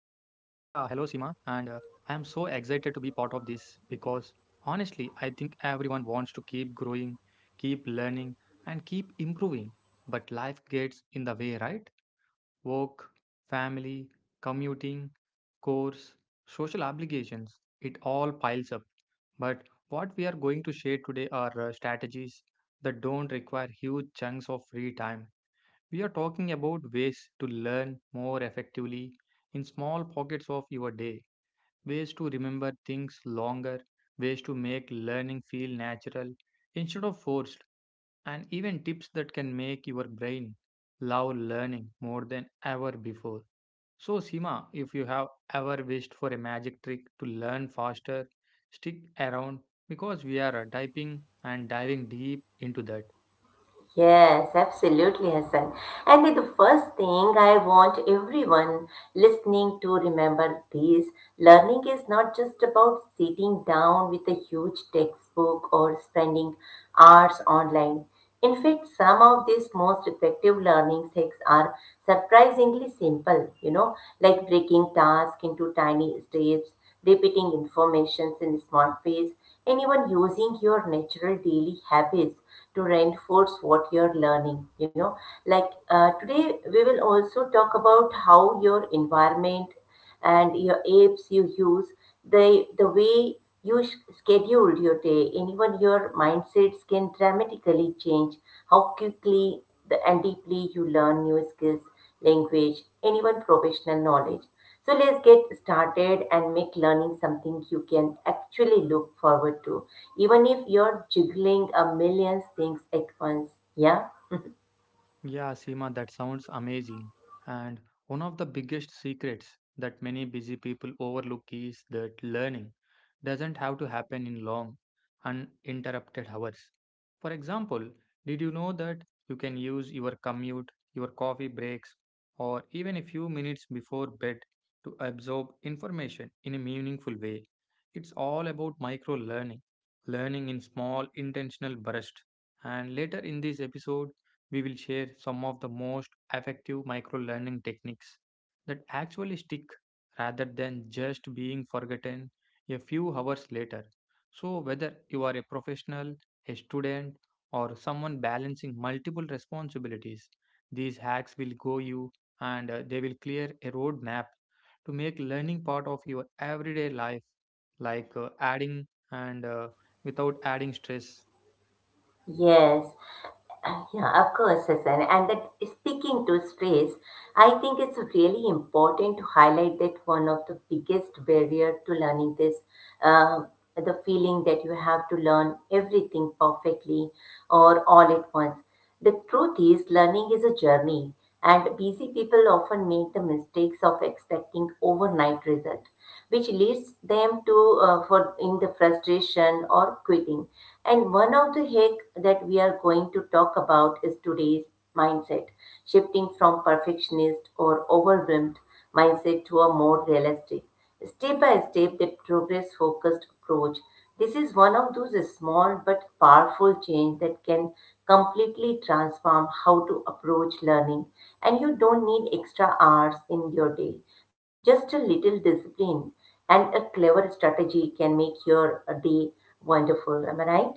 and I am so excited to be part of this because honestly, I think everyone wants to keep growing, keep learning, and keep improving. But life gets in the way, right? Work, family, commuting, course, social obligations, it all piles up. But what we are going to share today are strategies that don't require huge chunks of free time. We are talking about ways to learn more effectively in small pockets of your day, ways to remember things longer, ways to make learning feel natural instead of forced, and even tips that can make your brain love learning more than ever before. So, Sima, if you have ever wished for a magic trick to learn faster, stick around because we are typing and diving deep into that. Yes, absolutely, Hassan. And the first thing I want everyone listening to remember this learning is not just about sitting down with a huge textbook or spending hours online. In fact, some of these most effective learning hacks are surprisingly simple, you know, like breaking tasks into tiny steps, repeating information in smart ways, and even using your natural daily habits to reinforce what you're learning, like today we will also talk about how your environment and your apps you use the the way you schedule your day and even your mindsets can dramatically change how quickly and deeply you learn new skills, language, and even professional knowledge. So let's get started and make learning something you can actually look forward to, even if you're juggling a million things at once. Yeah? Yeah, Seema, that sounds amazing. And one of the biggest secrets that many busy people overlook is that learning doesn't have to happen in long, uninterrupted hours. For example, did you know that you can use your commute, your coffee breaks, or even a few minutes before bed to absorb information in a meaningful way? It's all about micro learning, learning in small, intentional bursts. And later in this episode, we will share some of the most effective micro learning techniques that actually stick rather than just being forgotten a few hours later. So, whether you are a professional, a student, or someone balancing multiple responsibilities, these hacks will go you and they will clear a roadmap to make learning part of your everyday life, like adding and without adding stress. Yes. Yeah, of course, Susan. And that speaking to stress, I think it's really important to highlight that one of the biggest barrier to learning this, uh, the feeling that you have to learn everything perfectly or all at once. The truth is, learning is a journey, and busy people often make the mistakes of expecting overnight result, which leads them to for in the frustration or quitting. And one of the hack that we are going to talk about is today's mindset, shifting from perfectionist or overwhelmed mindset to a more realistic step by step, the progress focused approach. This is one of those small but powerful change that can completely transform how to approach learning. And you don't need extra hours in your day. Just a little discipline and a clever strategy can make your day wonderful. Am I right?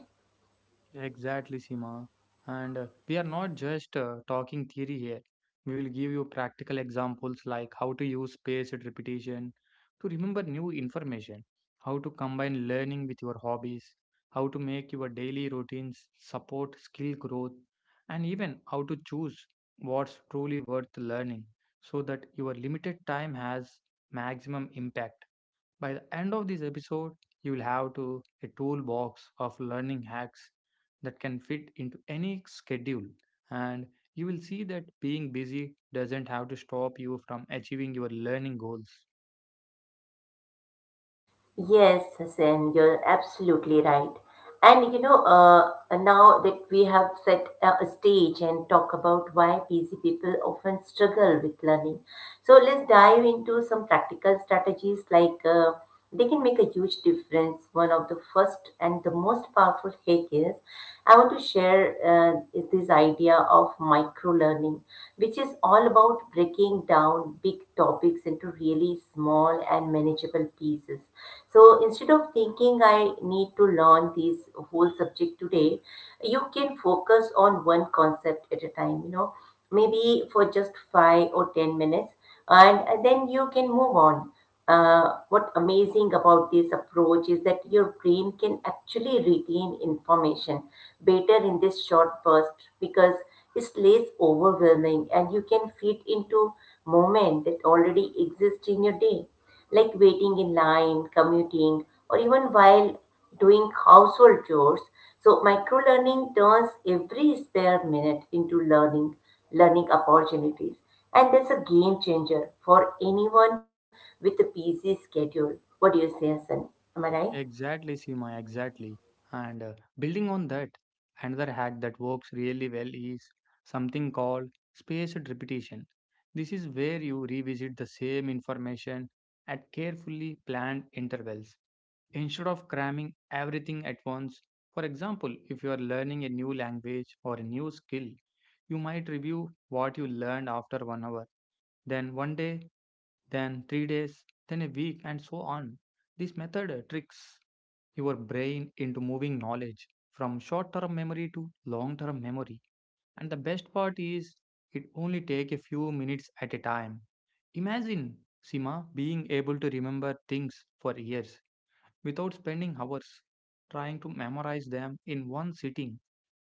Exactly, Sima. And we are not just talking theory here. We will give you practical examples like how to use spaced repetition to remember new information, how to combine learning with your hobbies, how to make your daily routines support skill growth, and even how to choose what's truly worth learning so that your limited time has maximum impact. By the end of this episode, you will have to a toolbox of learning hacks that can fit into any schedule, and you will see that being busy doesn't have to stop you from achieving your learning goals. Yes, Hassan, you're absolutely right. And you know, now that we have set a stage and talk about why busy people often struggle with learning, so let's dive into some practical strategies like they can make a huge difference. One of the first and the most powerful hack is I want to share is this idea of micro learning, which is all about breaking down big topics into really small and manageable pieces. So instead of thinking I need to learn this whole subject today, you can focus on one concept at a time, you know, maybe for just 5 or 10 minutes, and then you can move on. What amazing about this approach is that your brain can actually retain information better in this short burst because it's less overwhelming and you can fit into moment that already exists in your day like waiting in line, commuting, or even while doing household chores. So micro learning turns every spare minute into learning opportunities. And that's a game changer for anyone with a busy schedule. What do you say, Hassan? Am I right? Exactly, Seema, exactly. And building on that, another hack that works really well is something called spaced repetition. This is where you revisit the same information at carefully planned intervals instead of cramming everything at once. For example, if you are learning a new language or a new skill, you might review what you learned after 1 hour, then 1 day, then 3 days, then a week, and so on. This method tricks your brain into moving knowledge from short term memory to long term memory. And the best part is, it only takes a few minutes at a time. Imagine Sima being able to remember things for years without spending hours trying to memorize them in one sitting.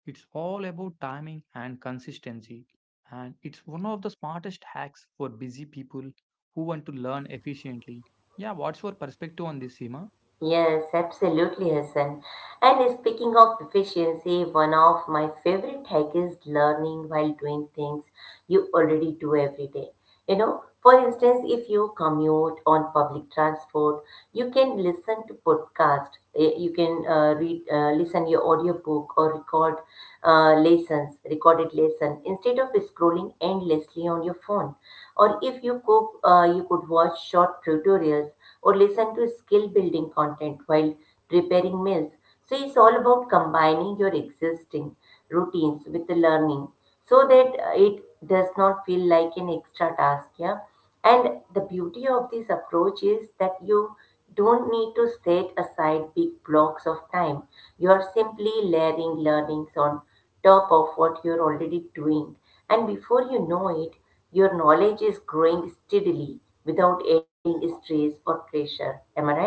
It's all about timing and consistency, and it's one of the smartest hacks for busy people who want to learn efficiently. Yeah, what's your perspective on this, Seema? Yes, absolutely, Hassan. And speaking of efficiency, one of my favorite hack is learning while doing things you already do every day. You know, for instance, if you commute on public transport, you can listen to podcast. You can read, listen your audiobook or record recorded lesson instead of scrolling endlessly on your phone. Or if you cook, you could watch short tutorials or listen to skill building content while preparing meals. So it's all about combining your existing routines with the learning so that it does not feel like an extra task. Yeah. And the beauty of this approach is that you don't need to set aside big blocks of time. You are simply layering learnings on top of what you're already doing. And before you know it, your knowledge is growing steadily without adding stress or pressure. Am I right?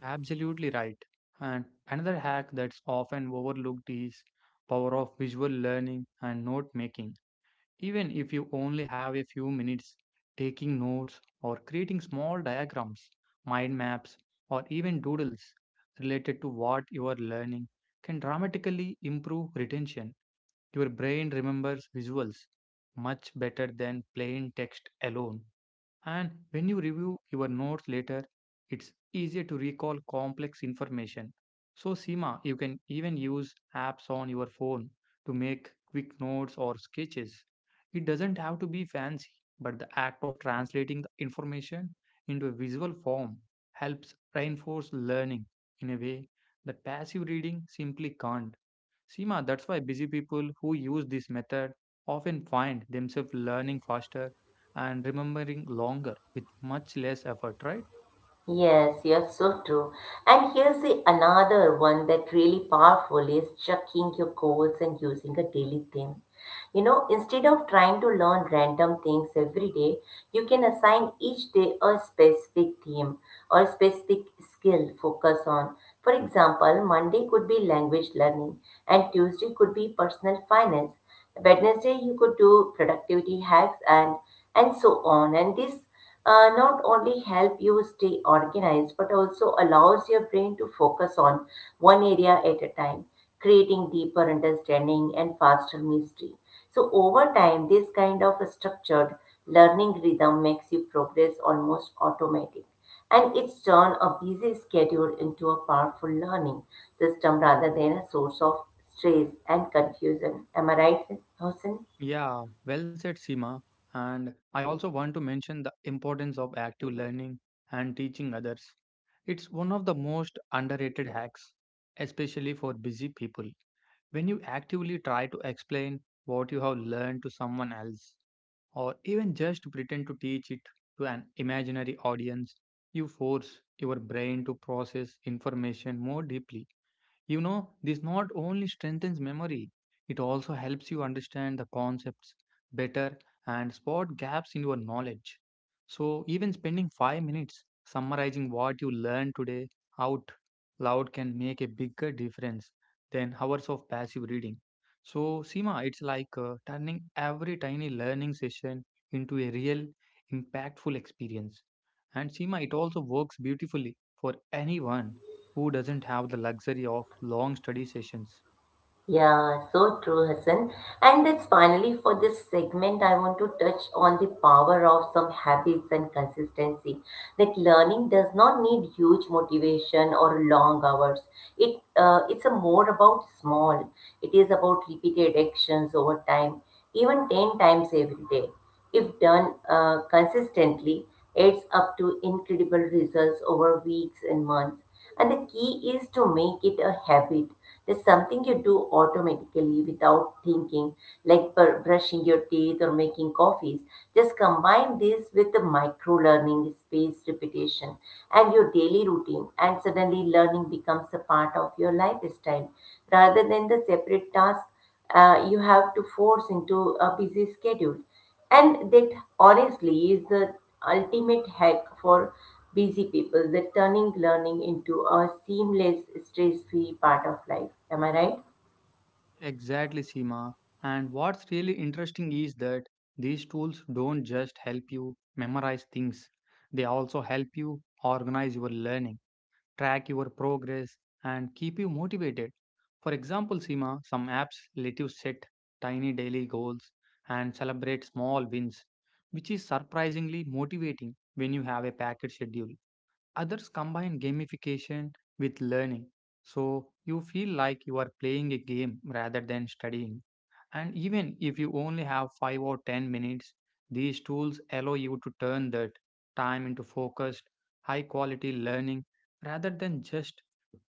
Absolutely right. And another hack that's often overlooked is power of visual learning and note making. Even if you only have a few minutes, taking notes or creating small diagrams, mind maps, or even doodles related to what you are learning can dramatically improve retention. Your brain remembers visuals much better than plain text alone. And when you review your notes later, it's easier to recall complex information. So, Seema, you can even use apps on your phone to make quick notes or sketches. It doesn't have to be fancy, but the act of translating the information into a visual form helps reinforce learning in a way that passive reading simply can't. Seema, that's why busy people who use this method often find themselves learning faster and remembering longer with much less effort, right? Yes, you're so true. And here's the another one that really powerful is checking your goals and using a daily theme. You know, instead of trying to learn random things every day, you can assign each day a specific theme or a specific skill focus on. For example, Monday could be language learning and Tuesday could be personal finance. Wednesday you could do productivity hacks and so on. And this not only help you stay organized but also allows your brain to focus on one area at a time, creating deeper understanding and faster mastery. So over time this kind of structured learning rhythm makes you progress almost automatic, and it's turned a busy schedule into a powerful learning system rather than a source of stress and confusion. Am I right, Hosen? Yeah, well said, Seema. And I also want to mention the importance of active learning and teaching others. It's one of the most underrated hacks, especially for busy people. When you actively try to explain what you have learned to someone else, or even just pretend to teach it to an imaginary audience. You force your brain to process information more deeply. You know, this not only strengthens memory, it also helps you understand the concepts better and spot gaps in your knowledge. So, even spending 5 minutes summarizing what you learned today out loud can make a bigger difference than hours of passive reading. So, Seema, it's like turning every tiny learning session into a real, impactful experience. And Seema, it also works beautifully for anyone who doesn't have the luxury of long study sessions. Yeah, so true, Hassan. And that's finally for this segment, I want to touch on the power of some habits and consistency. Like learning does not need huge motivation or long hours. It's a more about small. It is about repeated actions over time, even 10 times every day. If done consistently, adds up to incredible results over weeks and months. And the key is to make it a habit. There's something you do automatically without thinking, like brushing your teeth or making coffees. Just combine this with the micro learning, spaced repetition, and your daily routine, and suddenly learning becomes a part of your lifestyle rather than the separate task you have to force into a busy schedule. And that honestly is the ultimate hack for busy people, that turning learning into a seamless, stress free part of life. Am I right? Exactly, Seema. And what's really interesting is that these tools don't just help you memorize things, they also help you organize your learning, track your progress, and keep you motivated. For example, Seema, some apps let you set tiny daily goals and celebrate small wins, which is surprisingly motivating when you have a packed schedule. Others combine gamification with learning, so you feel like you are playing a game rather than studying. And even if you only have 5 or 10 minutes, these tools allow you to turn that time into focused, high quality learning rather than just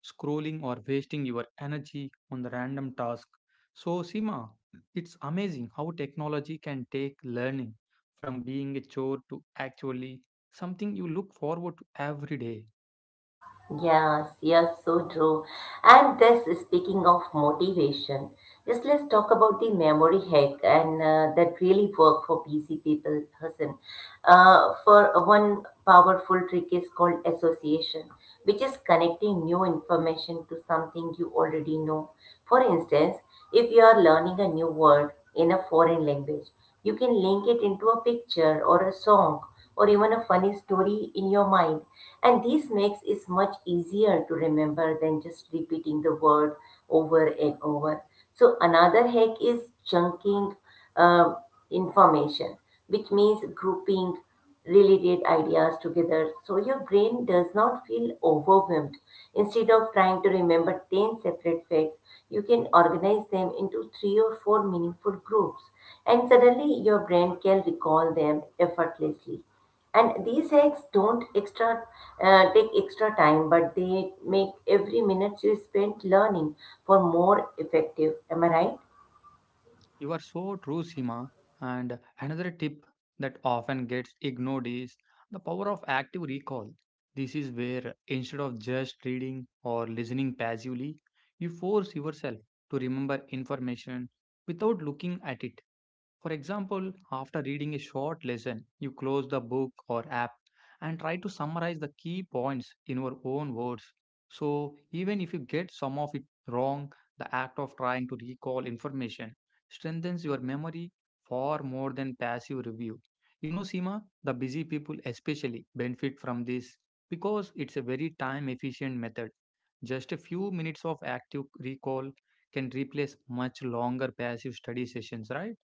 scrolling or wasting your energy on the random task. So, Sima, it's amazing how technology can take learning from being a chore to actually something you look forward to every day. Yes, yes, so true. And this, speaking of motivation, just let's talk about the memory hack and that really work for busy people, person. For one powerful trick is called association, which is connecting new information to something you already know. For instance, if you are learning a new word in a foreign language, you can link it into a picture or a song or even a funny story in your mind. And this makes it much easier to remember than just repeating the word over and over. So another hack is chunking uh, information, which means grouping relate ideas together so your brain does not feel overwhelmed. Instead of trying to remember 10 separate facts, you can organize them into three or four meaningful groups, and suddenly your brain can recall them effortlessly. And these hacks don't extra take extra time, but they make every minute you spend learning for more effective. Am I right? You are so true, Sima. And another tip that often gets ignored is the power of active recall. This is where instead of just reading or listening passively, you force yourself to remember information without looking at it. For example, after reading a short lesson, you close the book or app and try to summarize the key points in your own words. So, even if you get some of it wrong, the act of trying to recall information strengthens your memory far more than passive review. You know, Seema, the busy people especially benefit from this because it's a very time efficient method. Just a few minutes of active recall can replace much longer passive study sessions, right?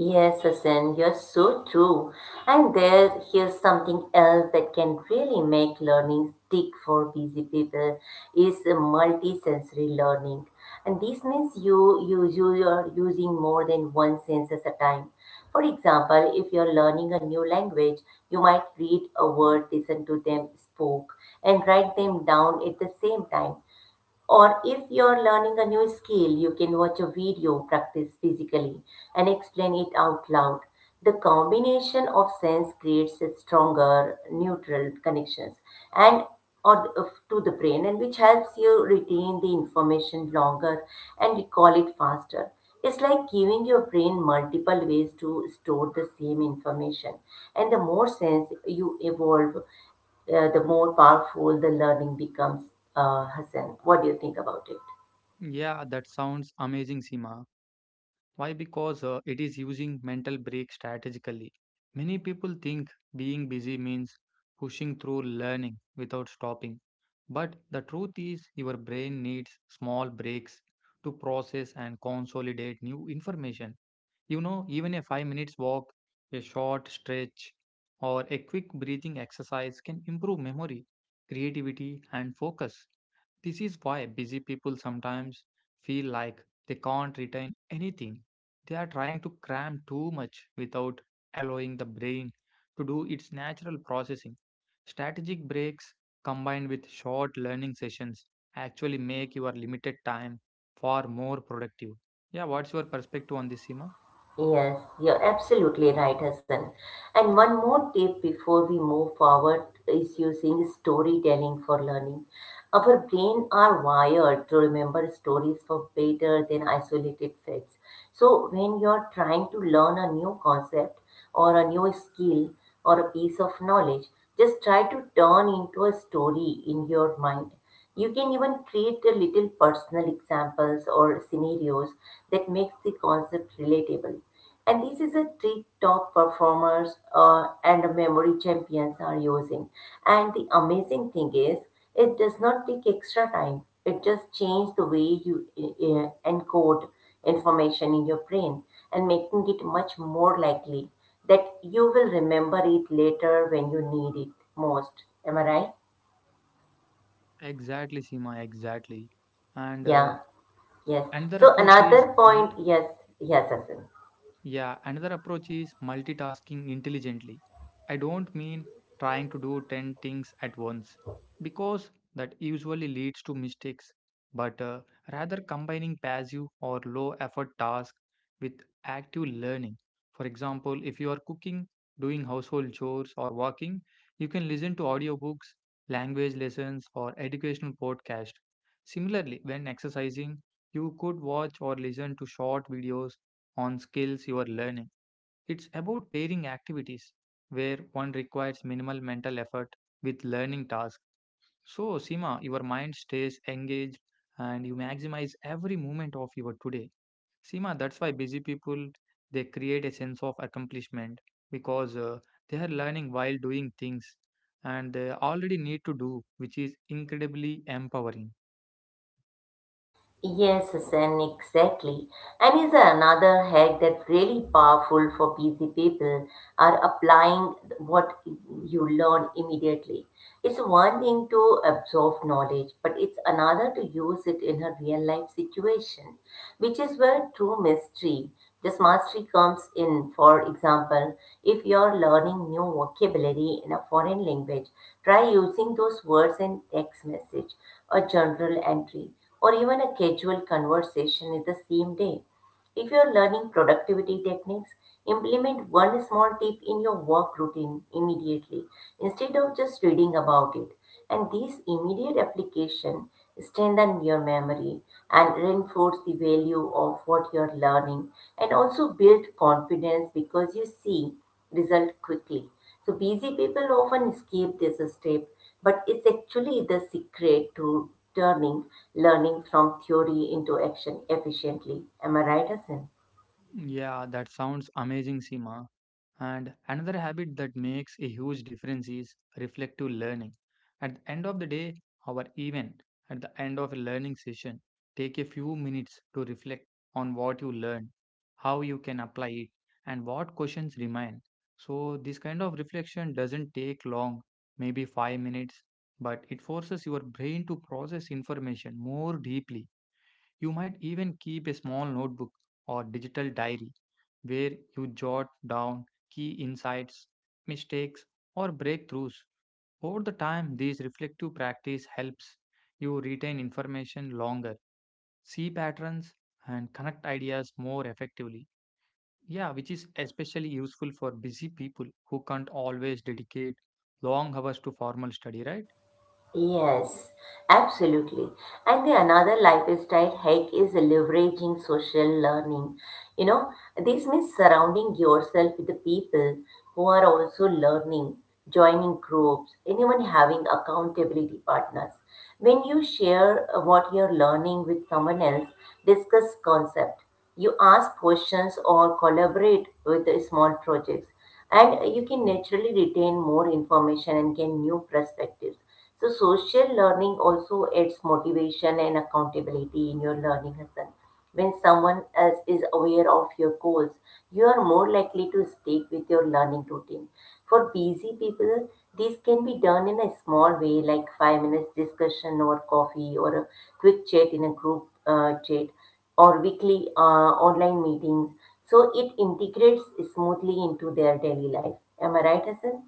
Yes, Hassan, you're so true. And there, here's something else that can really make learning stick for busy people is a multisensory learning. And this means you are using more than one sense at a time. For example, if you're learning a new language, you might read a word, listen to them spoke, and write them down at the same time. Or if you're learning a new skill, you can watch a video, practice physically, and explain it out loud. The combination of sense creates a stronger neutral connections and to the brain and which helps you retain the information longer and recall it faster. It's like giving your brain multiple ways to store the same information. And the more sense you evolve, the more powerful the learning becomes, Hassan. What do you think about it? Yeah, that sounds amazing, Seema. Why? Because it is using mental break strategically. Many people think being busy means pushing through learning without stopping. But the truth is, your brain needs small breaks to process and consolidate new information. You know, even a 5 minutes walk, a short stretch, or a quick breathing exercise can improve memory, creativity, and focus. This is why busy people sometimes feel like they can't retain anything. They are trying to cram too much without allowing the brain to do its natural processing. Strategic breaks combined with short learning sessions actually make your limited time far more productive. Yeah, what's your perspective on this, Seema? Yes, you're absolutely right, Hassan. And one more tip before we move forward is using storytelling for learning. Our brain are wired to remember stories for better than isolated facts. So when you're trying to learn a new concept or a new skill or a piece of knowledge, just try to turn into a story in your mind. You can even create a little personal examples or scenarios that makes the concept relatable. And this is a trick top performers and memory champions are using. And the amazing thing is, it does not take extra time. It just changes the way you encode information in your brain and making it much more likely that you will remember it later when you need it most. Am I right? Exactly, Seema, exactly. And uh, Yeah. Yes. another So approach is another multi point, yes, yes, Asim. yeah, another approach is multitasking intelligently. I don't mean trying to do 10 things at once, because that usually leads to mistakes, but rather combining passive or low effort tasks with active learning. For example, if you are cooking, doing household chores, or walking, you can listen to audiobooks, language lessons, or educational podcasts. Similarly, when exercising, you could watch or listen to short videos on skills you are learning. It's about pairing activities where one requires minimal mental effort with learning tasks. So, Seema, your mind stays engaged and you maximize every moment of your today. Seema, that's why busy people, they create a sense of accomplishment because they are learning while doing things and they already need to do, which is incredibly empowering. Yes, Hassan, exactly. And is another hack that's really powerful for busy people are applying what you learn immediately. It's one thing to absorb knowledge, but it's another to use it in a real life situation, which is where true mystery, this mastery comes in. For example, if you're learning new vocabulary in a foreign language, try using those words in text message or journal entry or even a casual conversation in the same day. If you're learning productivity techniques, implement one small tip in your work routine immediately instead of just reading about it. And these immediate application strengthen your memory and reinforce the value of what you're learning and also build confidence because you see result quickly. So busy people often skip this step but it's actually the secret to turning learning from theory into action efficiently. Am I right, Hassan? Yeah, that sounds amazing, Seema. And another habit that makes a huge difference is reflective learning. At the end of the day, or even at the end of a learning session, take a few minutes to reflect on what you learned, how you can apply it, and what questions remain. So, this kind of reflection doesn't take long, maybe 5 minutes, but it forces your brain to process information more deeply. You might even keep a small notebook or digital diary where you jot down key insights, mistakes, or breakthroughs. Over the time, this reflective practice helps you retain information longer, see patterns, and connect ideas more effectively. Yeah, which is especially useful for busy people who can't always dedicate long hours to formal study, right? Yes, absolutely. And the another lifestyle hack is leveraging social learning. You know, this means surrounding yourself with the people who are also learning, joining groups, and even having accountability partners. When you share what you're learning with someone else, discuss concept. You ask questions or collaborate with the small projects and you can naturally retain more information and gain new perspectives. So, social learning also adds motivation and accountability in your learning, Hassan. When someone else is aware of your goals, you are more likely to stick with your learning routine. For busy people, this can be done in a small way, like 5 minutes discussion or coffee or a quick chat in a group chat or weekly online meetings so it integrates smoothly into their daily life. Am I right, Hassan?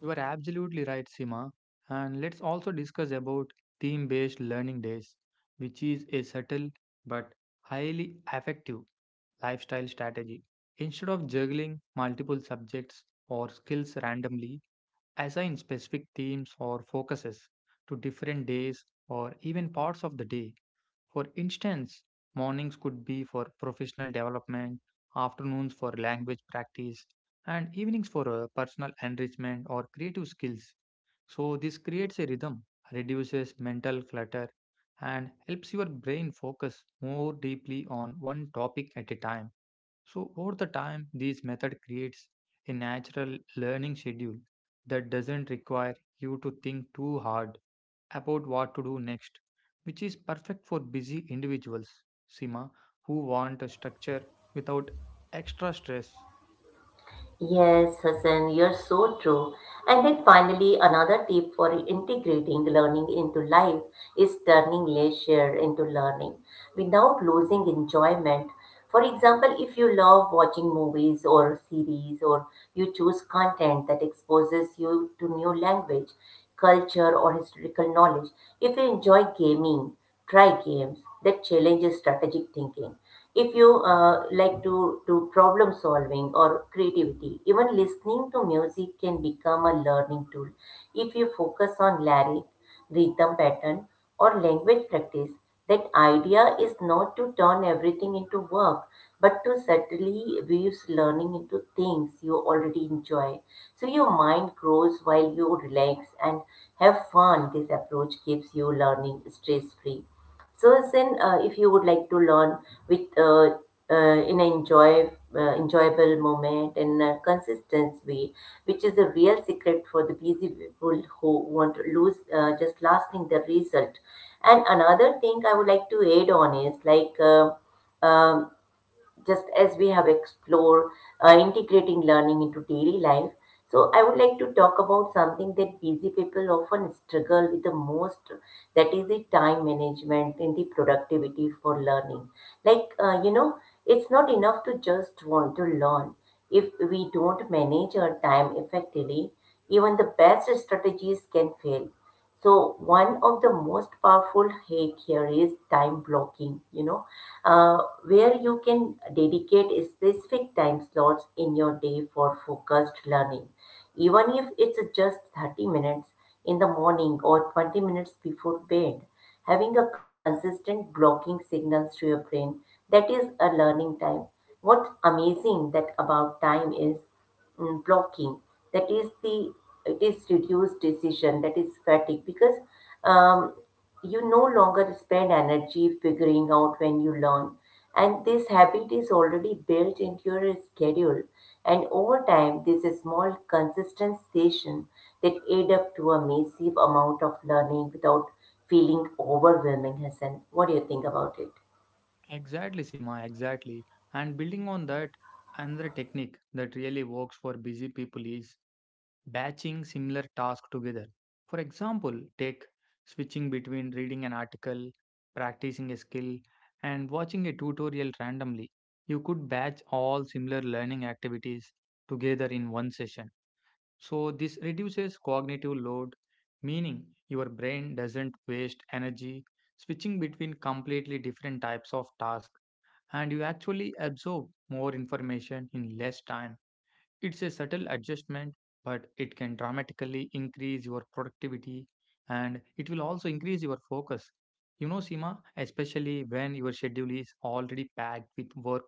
You are absolutely right, Sima. And let's also discuss about theme-based learning days, which is a subtle but highly effective lifestyle strategy. Instead of juggling multiple subjects or skills randomly, assign specific themes or focuses to different days or even parts of the day. For instance, mornings could be for professional development, afternoons for language practice, and evenings for personal enrichment or creative skills. So, this creates a rhythm, reduces mental clutter, and helps your brain focus more deeply on one topic at a time. So, over the time, this method creates a natural learning schedule that doesn't require you to think too hard about what to do next, which is perfect for busy individuals, Sima, who want a structure without extra stress. Yes, Hassan, you're so true. And then finally, another tip for integrating learning into life is turning leisure into learning without losing enjoyment. For example, if you love watching movies or series, or you choose content that exposes you to new language, culture, or historical knowledge. If you enjoy gaming, try games that challenge your strategic thinking if you like to do problem solving or creativity. Even listening to music can become a learning tool if you focus on lyric rhythm pattern or language practice. That idea is not to turn everything into work but to subtly weaves learning into things you already enjoy, so your mind grows while you relax and have fun. This approach keeps you learning stress free. So, if you would like to learn with in an enjoy, enjoyable moment and a consistent way, which is the real secret for the busy people who want to lose just lasting the result. And another thing I would like to add on is um, just as we have explored integrating learning into daily life. So I would like to talk about something that busy people often struggle with the most, that is the time management and the productivity for learning. You know, it's not enough to just want to learn. If we don't manage our time effectively, even the best strategies can fail. So, one of the most powerful hack here is time blocking, you know, uh, where you can dedicate specific time slots in your day for focused learning. Even if it's just 30 minutes in the morning or 20 minutes before bed, having a consistent blocking signals to your brain that is a learning time. What's amazing that about time is blocking, that is the it is reduced decision that is fatigue because um, you no longer spend energy figuring out when you learn and this habit is already built into your schedule. And over time, this is small, consistent session that add up to a massive amount of learning without feeling overwhelming, Hassan. What do you think about it? Exactly, Sima, exactly. And building on that, another technique that really works for busy people is batching similar tasks together. For example, take switching between reading an article, practicing a skill, and watching a tutorial randomly. You could batch all similar learning activities together in one session. So, this reduces cognitive load, meaning your brain doesn't waste energy switching between completely different types of tasks, and you actually absorb more information in less time. It's a subtle adjustment, but it can dramatically increase your productivity, and it will also increase your focus. You know, Seema, especially when your schedule is already packed with work,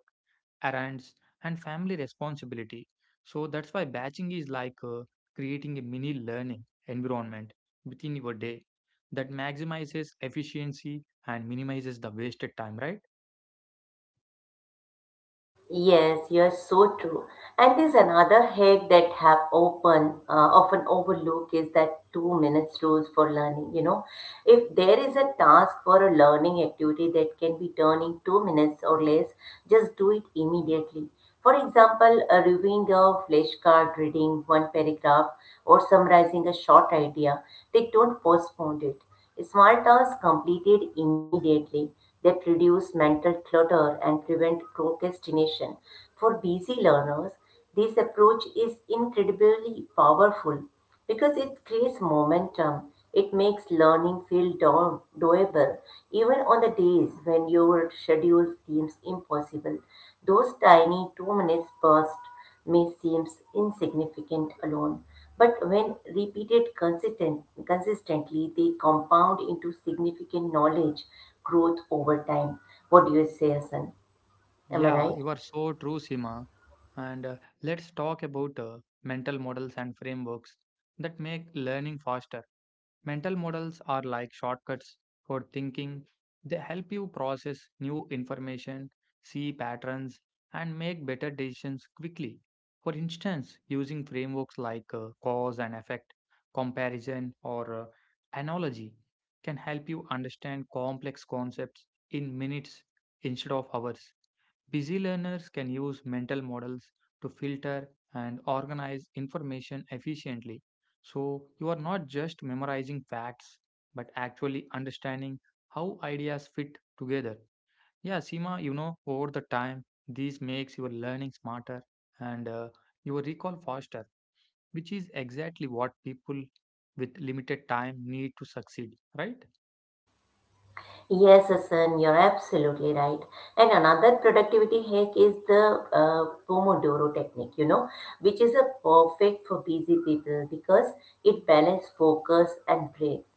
errands, and family responsibility. So that's why batching is like creating a mini learning environment within your day that maximizes efficiency and minimizes the wasted time, right? Yes, you're so true. And there's another hack that have open often overlooked is that 2 minutes rules for learning. You know, if there is a task for a learning activity that can be done in 2 minutes or less, just do it immediately. For example, a reviewing a flashcard, reading one paragraph, or summarizing a short idea. They don't postpone it. Small tasks completed immediately that reduce mental clutter and prevent procrastination. For busy learners, this approach is incredibly powerful because it creates momentum. It makes learning feel doable even on the days when your schedule seems impossible. Those tiny 2 minutes bursts may seem insignificant alone, but when repeated consistently, they compound into significant knowledge growth over time. What do you say, Hassan? Am I Yeah, right? you are so true, Sima. And Let's talk about mental models and frameworks that make learning faster. Mental models are like shortcuts for thinking. They help you process new information, see patterns, and make better decisions quickly. For instance, using frameworks like cause and effect, comparison, or analogy can help you understand complex concepts in minutes instead of hours. Busy learners can use mental models to filter and organize information efficiently. So you are not just memorizing facts, but actually understanding how ideas fit together. Yeah, Seema, you know, over the time, this makes your learning smarter and your recall faster, which is exactly what people with limited time need to succeed, right? Yes, Asan, you're absolutely right. And another productivity hack is the Pomodoro technique, you know, which is a perfect for busy people because it balances focus and breaks.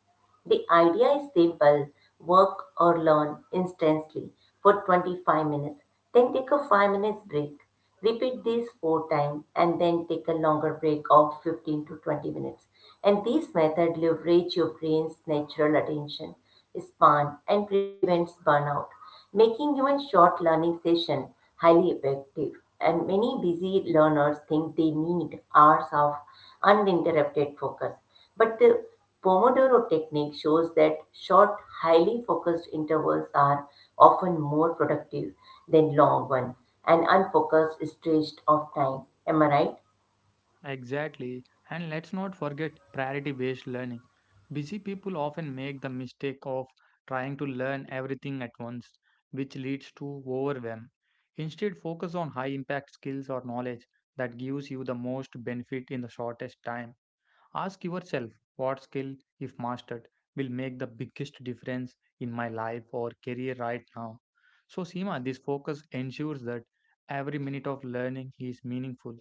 The idea is simple work or learn instantly for 25 minutes, then take a 5 minutes break. Repeat these four times and then take a longer break of 15 to 20 minutes. And this method leverage your brain's natural attention span and prevents burnout, making even short learning session highly effective. And many busy learners think they need hours of uninterrupted focus. But the Pomodoro technique shows that short, highly focused intervals are often more productive than long ones an unfocused stretch of time. Am I right? Exactly. And let's not forget priority based learning. Busy people often make the mistake of trying to learn everything at once, which leads to overwhelm. Instead, focus on high impact skills or knowledge that gives you the most benefit in the shortest time. Ask yourself what skill, if mastered, will make the biggest difference in my life or career right now. So, Seema, this focus ensures that every minute of learning is meaningful,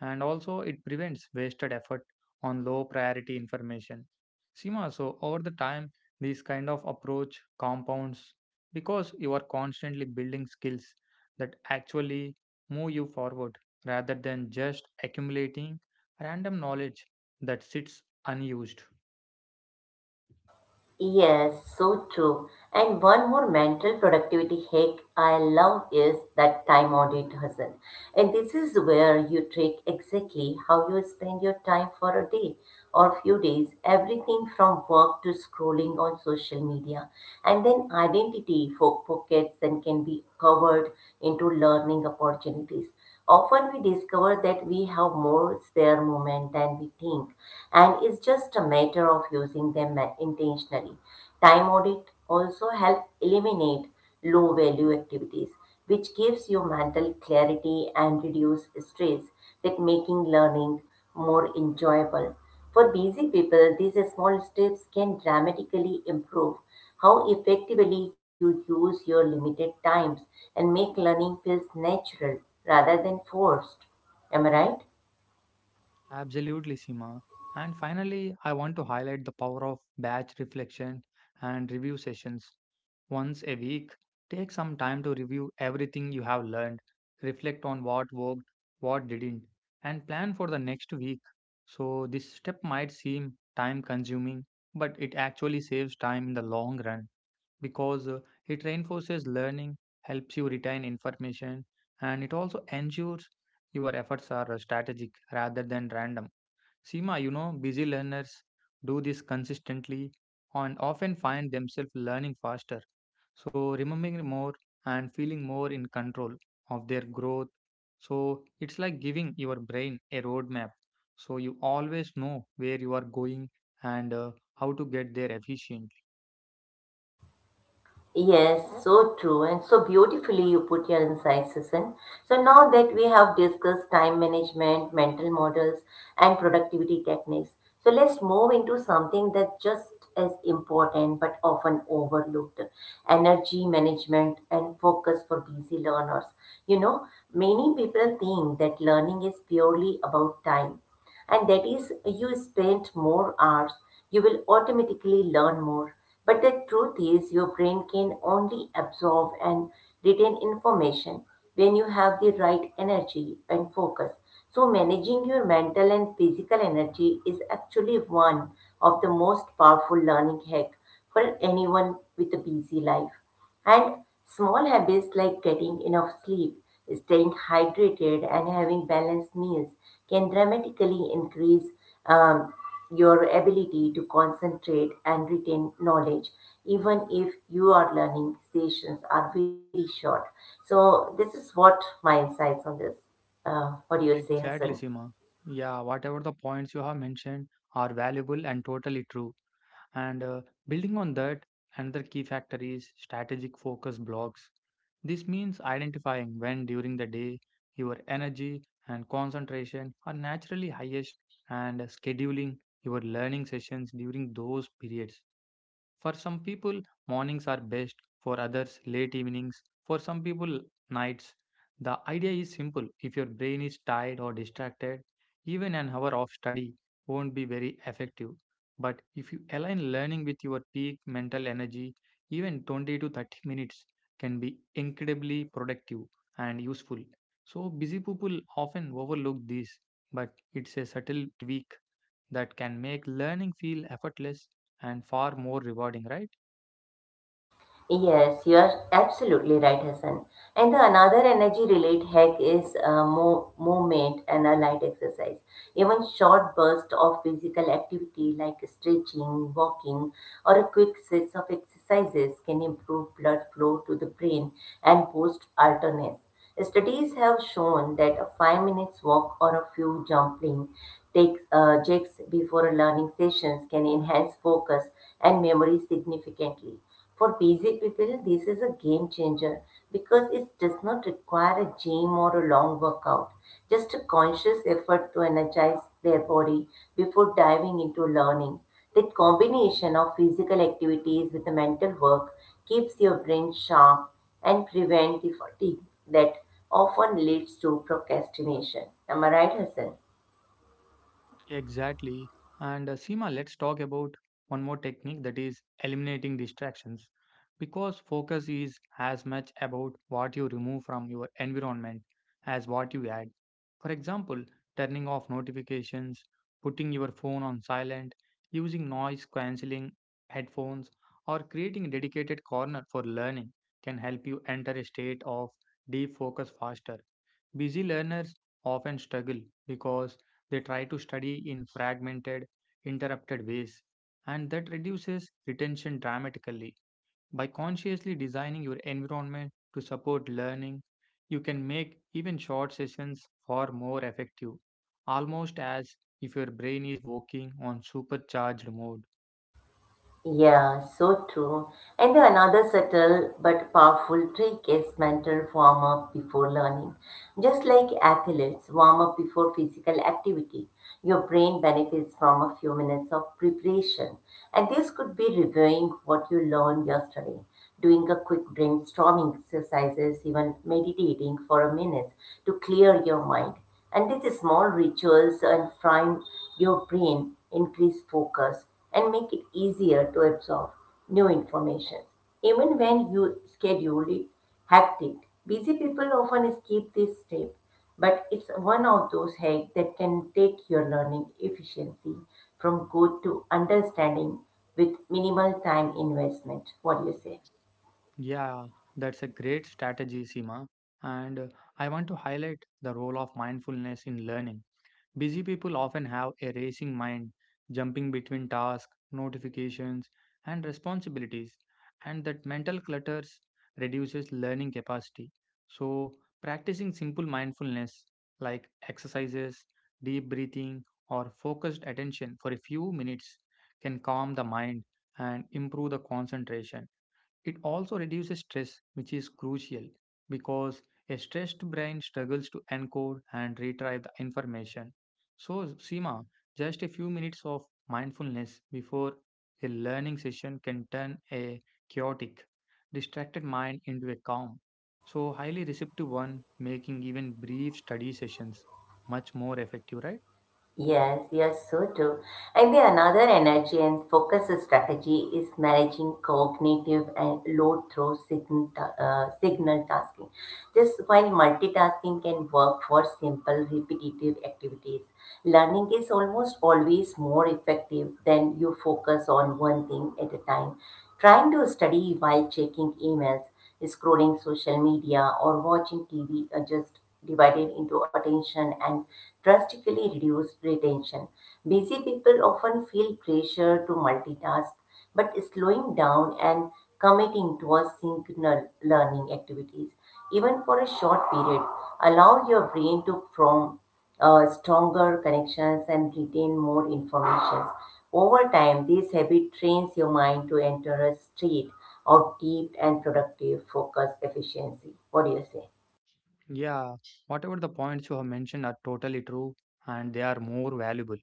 and also it prevents wasted effort on low priority information. Seema, so over the time, this kind of approach compounds because you are constantly building skills that actually move you forward rather than just accumulating random knowledge that sits unused. Yes, so true. And one more mental productivity hack I love is that time audit hustle. And this is where you track exactly how you spend your time for a day or few days, everything from work to scrolling on social media. And then identity for pockets and can be covered into learning opportunities. Often we discover that we have more spare moment than we think, and it's just a matter of using them intentionally. Time audit also help eliminate low value activities, which gives you mental clarity and reduce stress that making learning more enjoyable. For busy people, these small steps can dramatically improve how effectively you use your limited times and make learning feels natural rather than forced. Am I right? Absolutely, Sima. And finally, I want to highlight the power of batch reflection and review sessions. Once a week, take some time to review everything you have learned, reflect on what worked, what didn't, and plan for the next week. So, this step might seem time consuming, but it actually saves time in the long run, because it reinforces learning, helps you retain information, and it also ensures your efforts are strategic rather than random. Seema, you know, busy learners do this consistently and often find themselves learning faster. So, remembering more and feeling more in control of their growth. So, it's like giving your brain a roadmap. So, you always know where you are going and how to get there efficient. Yes, so true, and so beautifully you put your insights, Sasan. So now that we have discussed time management, mental models, and productivity techniques, so let's move into something that's just as important but often overlooked energy management and focus for busy learners. You know, many people think that learning is purely about time and that is you spend more hours you will automatically learn more, but the truth is your brain can only absorb and retain information when you have the right energy and focus. So managing your mental and physical energy is actually one of the most powerful learning hack for anyone with a busy life. And small habits like getting enough sleep, staying hydrated, and having balanced meals can dramatically increase um, your ability to concentrate and retain knowledge, even if your learning sessions are very short. So, this is what my insights on this. What do you say, Exactly, Hassan? Sima. Yeah, whatever the points you have mentioned are valuable and totally true. And Building on that, another key factor is strategic focus blocks. This means identifying when during the day your energy and concentration are naturally highest and scheduling your learning sessions during those periods. For some people, mornings are best, for others, late evenings, for some people, nights. The idea is simple. If your brain is tired or distracted, even an hour of study won't be very effective. But if you align learning with your peak mental energy, even 20 to 30 minutes can be incredibly productive and useful. So, busy people often overlook this, but it's a subtle tweak that can make learning feel effortless and far more rewarding, right? Yes, you are absolutely right, Hassan. And the another energy related hack is movement and a light exercise. Even short bursts of physical activity like stretching, walking, or a quick sets of exercises can improve blood flow to the brain and boost alertness. Studies have shown that a 5 minutes walk or a few jumping takes jigs before a learning sessions can enhance focus and memory significantly. For busy people, this is a game changer because it does not require a gym or a long workout, just a conscious effort to energize their body before diving into learning. That combination of physical activities with the mental work keeps your brain sharp and prevents the fatigue that often leads to procrastination. Am I right, Hassan? Exactly. And Seema, let's talk about one more technique that is eliminating distractions. Because focus is as much about what you remove from your environment as what you add. For example, turning off notifications, putting your phone on silent, using noise cancelling headphones, or creating a dedicated corner for learning can help you enter a state of deep focus faster. Busy learners often struggle because they try to study in fragmented, interrupted ways, and that reduces retention dramatically. By consciously designing your environment to support learning, you can make even short sessions far more effective, almost as if your brain is working on supercharged mode. Yeah, so true. And the another subtle but powerful trick is mental warm up before learning. Just like athletes warm up before physical activity, your brain benefits from a few minutes of preparation. And this could be reviewing what you learned yesterday, doing a quick brainstorming exercises, even meditating for a minute to clear your mind. And these small rituals and prime your brain, increase focus, and make it easier to absorb new information. Even when you schedule it hectic, busy people often skip this step, but it's one of those hacks that can take your learning efficiency from good to understanding with minimal time investment. What do you say? Yeah, that's a great strategy, Sima. And I want to highlight the role of mindfulness in learning. Busy people often have a racing mind, jumping between tasks, notifications, and responsibilities, and that mental clutter reduces learning capacity. So, practicing simple mindfulness like exercises, deep breathing, or focused attention for a few minutes can calm the mind and improve the concentration. It also reduces stress, which is crucial because a stressed brain struggles to encode and retrieve the information. So, Seema, just a few minutes of mindfulness before a learning session can turn a chaotic, distracted mind into a calm, so highly receptive one, making even brief study sessions much more effective, right? Yes, yes, so true. I think another energy and focus strategy is managing cognitive and load through signal tasking. Just while multitasking can work for simple repetitive activities, learning is almost always more effective than you focus on one thing at a time. Trying to study while checking emails scrolling social media or watching TV are just divided into attention and drastically reduced retention. Busy people often feel pressure to multitask, but slowing down and committing to a single learning activities, even for a short period, allows your brain to form stronger connections and retain more information. Over time, this habit trains your mind to enter a state of deep and productive focus efficiency. What do you say? Yeah, whatever the points you have mentioned are totally true and they are more valuable.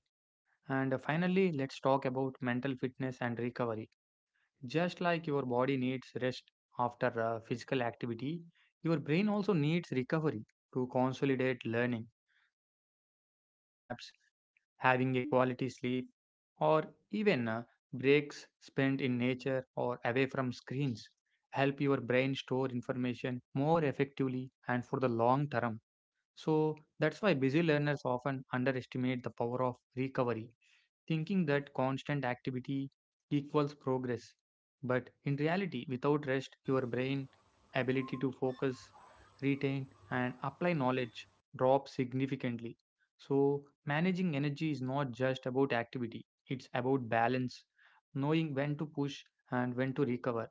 And finally, let's talk about mental fitness and recovery. Just like your body needs rest after physical activity, your brain also needs recovery to consolidate learning, like taking short naps, having a quality sleep, or even breaks spent in nature or away from screens help your brain store information more effectively and for the long term. So that's why busy learners often underestimate the power of recovery thinking that constant activity equals progress. But in reality, without rest, your brain ability to focus, retain, and apply knowledge drops significantly. So, managing energy is not just about activity, it's about balance, knowing when to push and when to recover.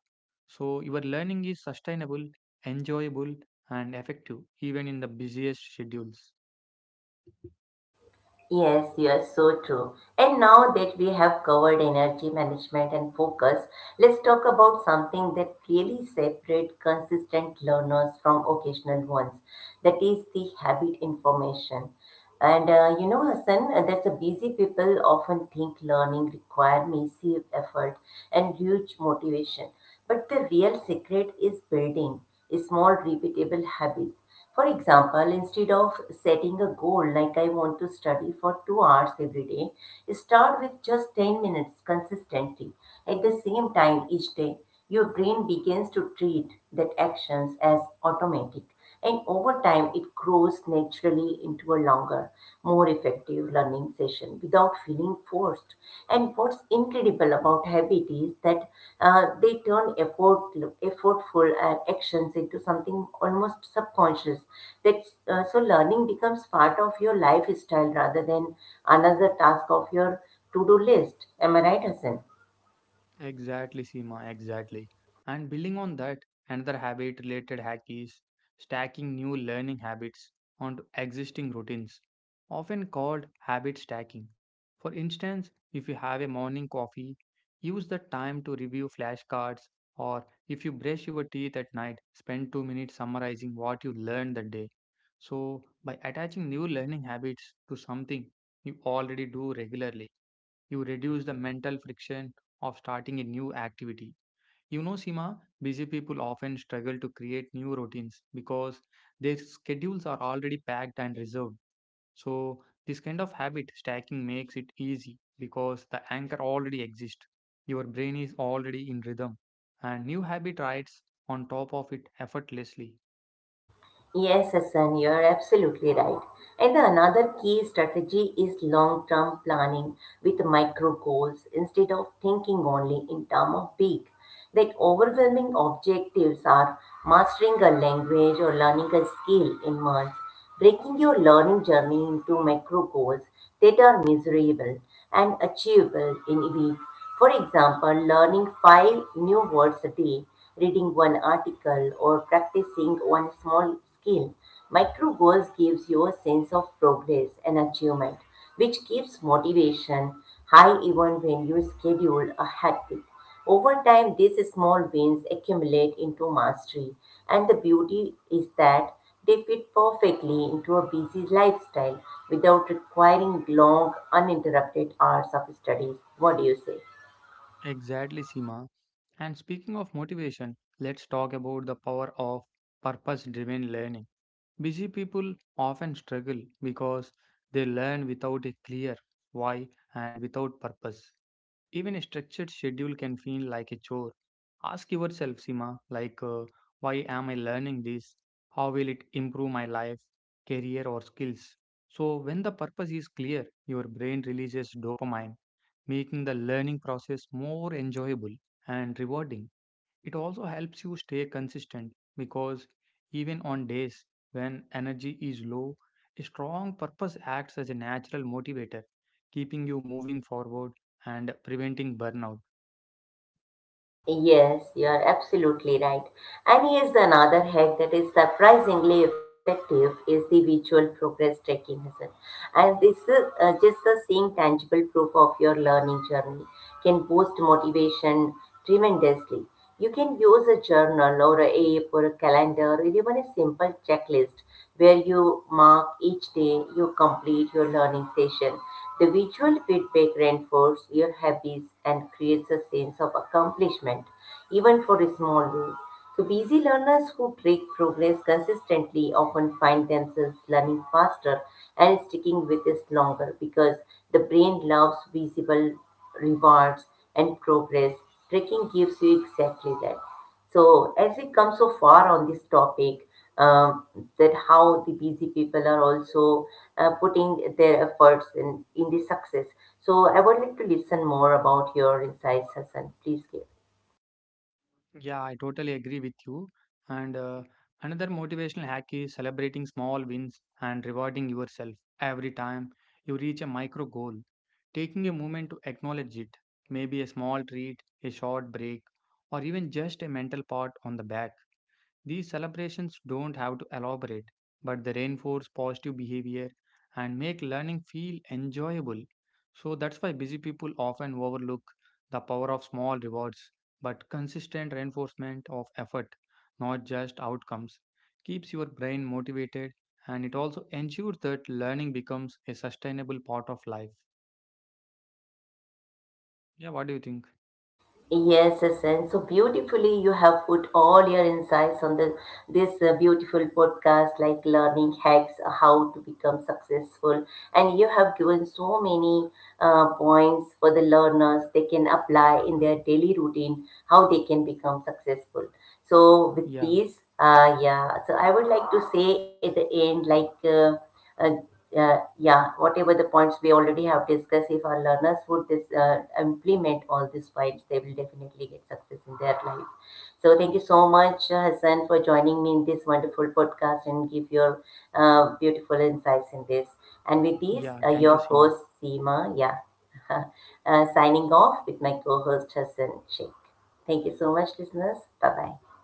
So, your learning is sustainable, enjoyable, and effective even in the busiest schedules. Yes, you are so true. And now that we have covered energy management and focus, let's talk about something that really separates consistent learners from occasional ones. That is the habit information. And you know, Hassan, that's a busy people often think learning require massive effort and huge motivation. But the real secret is building small repeatable habits. For example, instead of setting a goal like I want to study for 2 hours every day, start with just 10 minutes consistently. At the same time each day, your brain begins to treat that actions as automatic. And over time, it grows naturally into a longer, more effective interactive learning session without feeling forced. And what's incredible about habit is that they turn effortful actions into something almost subconscious. So learning becomes part of your lifestyle rather than another task of your to-do list. Am I right, Hassan? Exactly, Seema, exactly. And building on that, another habit related hack is stacking new learning habits onto existing routines, often called habit stacking. For instance, if you have a morning coffee, use the time to review flashcards, or if you brush your teeth at night, spend 2 minutes summarizing what you learned that day. So, by attaching new learning habits to something you already do regularly, you reduce the mental friction of starting a new activity. You know, Sima, busy people often struggle to create new routines because their schedules are already packed and reserved. So, this kind of habit stacking makes it easy because the anchor already exists. Your brain is already in rhythm, and new habit rides on top of it effortlessly. Yes, Hassan, you're absolutely right. And the another key strategy is long term planning with micro goals instead of thinking only in terms of big. That overwhelming objectives are mastering a language or learning a skill in months, breaking your learning journey into micro goals that are measurable and achievable in a week. For example, learning five new words a day reading one article, or practicing one small skill. Micro goals gives you a sense of progress and achievement, which keeps motivation high even when you schedule a hectic. Over time, these small wins accumulate into mastery, and the beauty is that they fit perfectly into a busy lifestyle without requiring long, uninterrupted hours of studies. What do you say? Exactly, Sima. And speaking of motivation, let's talk about the power of purpose driven learning. Busy people often struggle because they learn without a clear why and without purpose. Even a structured schedule can feel like a chore. Ask yourself, Sima, like, why am I learning this? How will it improve my life, career, or skills? So, when the purpose is clear, your brain releases dopamine, making the learning process more enjoyable and rewarding. It also helps you stay consistent because even on days when energy is low, a strong purpose acts as a natural motivator, keeping you moving forward and preventing burnout. Yes, you are absolutely right. And here's another hack that is surprisingly effective is the visual progress tracking, Hassan. And this is just the seeing tangible proof of your learning journey can boost motivation tremendously. You can use a journal or a app or a calendar or even a simple checklist where you mark each day you complete your learning session the visual feedback reinforces your habits and creates a sense of accomplishment, even for a small ways. So, busy learners who track progress consistently often find themselves learning faster and sticking with it longer because the brain loves visible rewards and progress. Tracking gives you exactly that. So, as we come so far on this topic, um, that how the busy people are also putting their efforts in the success. So, I would like to listen more about your insights, Hassan. Please give. Yeah, I totally agree with you. And Another motivational hack is celebrating small wins and rewarding yourself every time you reach a micro goal. Taking a moment to acknowledge it, maybe a small treat, a short break, or even just a mental pat on the back. These celebrations don't have to elaborate, but they reinforce positive behavior and make learning feel enjoyable. So that's why busy people often overlook the power of small rewards, but consistent reinforcement of effort, not just outcomes, keeps your brain motivated and it also ensures that learning becomes a sustainable part of life. Yeah, what do you think? Yes, yes, and so beautifully you have put all your insights on this beautiful podcast, like learning hacks, how to become successful, and you have given so many points for the learners they can apply in their daily routine, how they can become successful. So with Yeah, these, yeah, so I would like to say at the end, like. Uh, yeah, whatever the points we already have discussed, if our learners would this implement all these points, they will definitely get success in their life. So thank you so much, Hassan, for joining me in this wonderful podcast and give your beautiful insights in this. And with this, yeah, thank you, your Sima. host Seema, yeah, signing off with my co-host Hassan Sheikh. Thank you so much, listeners. Bye bye.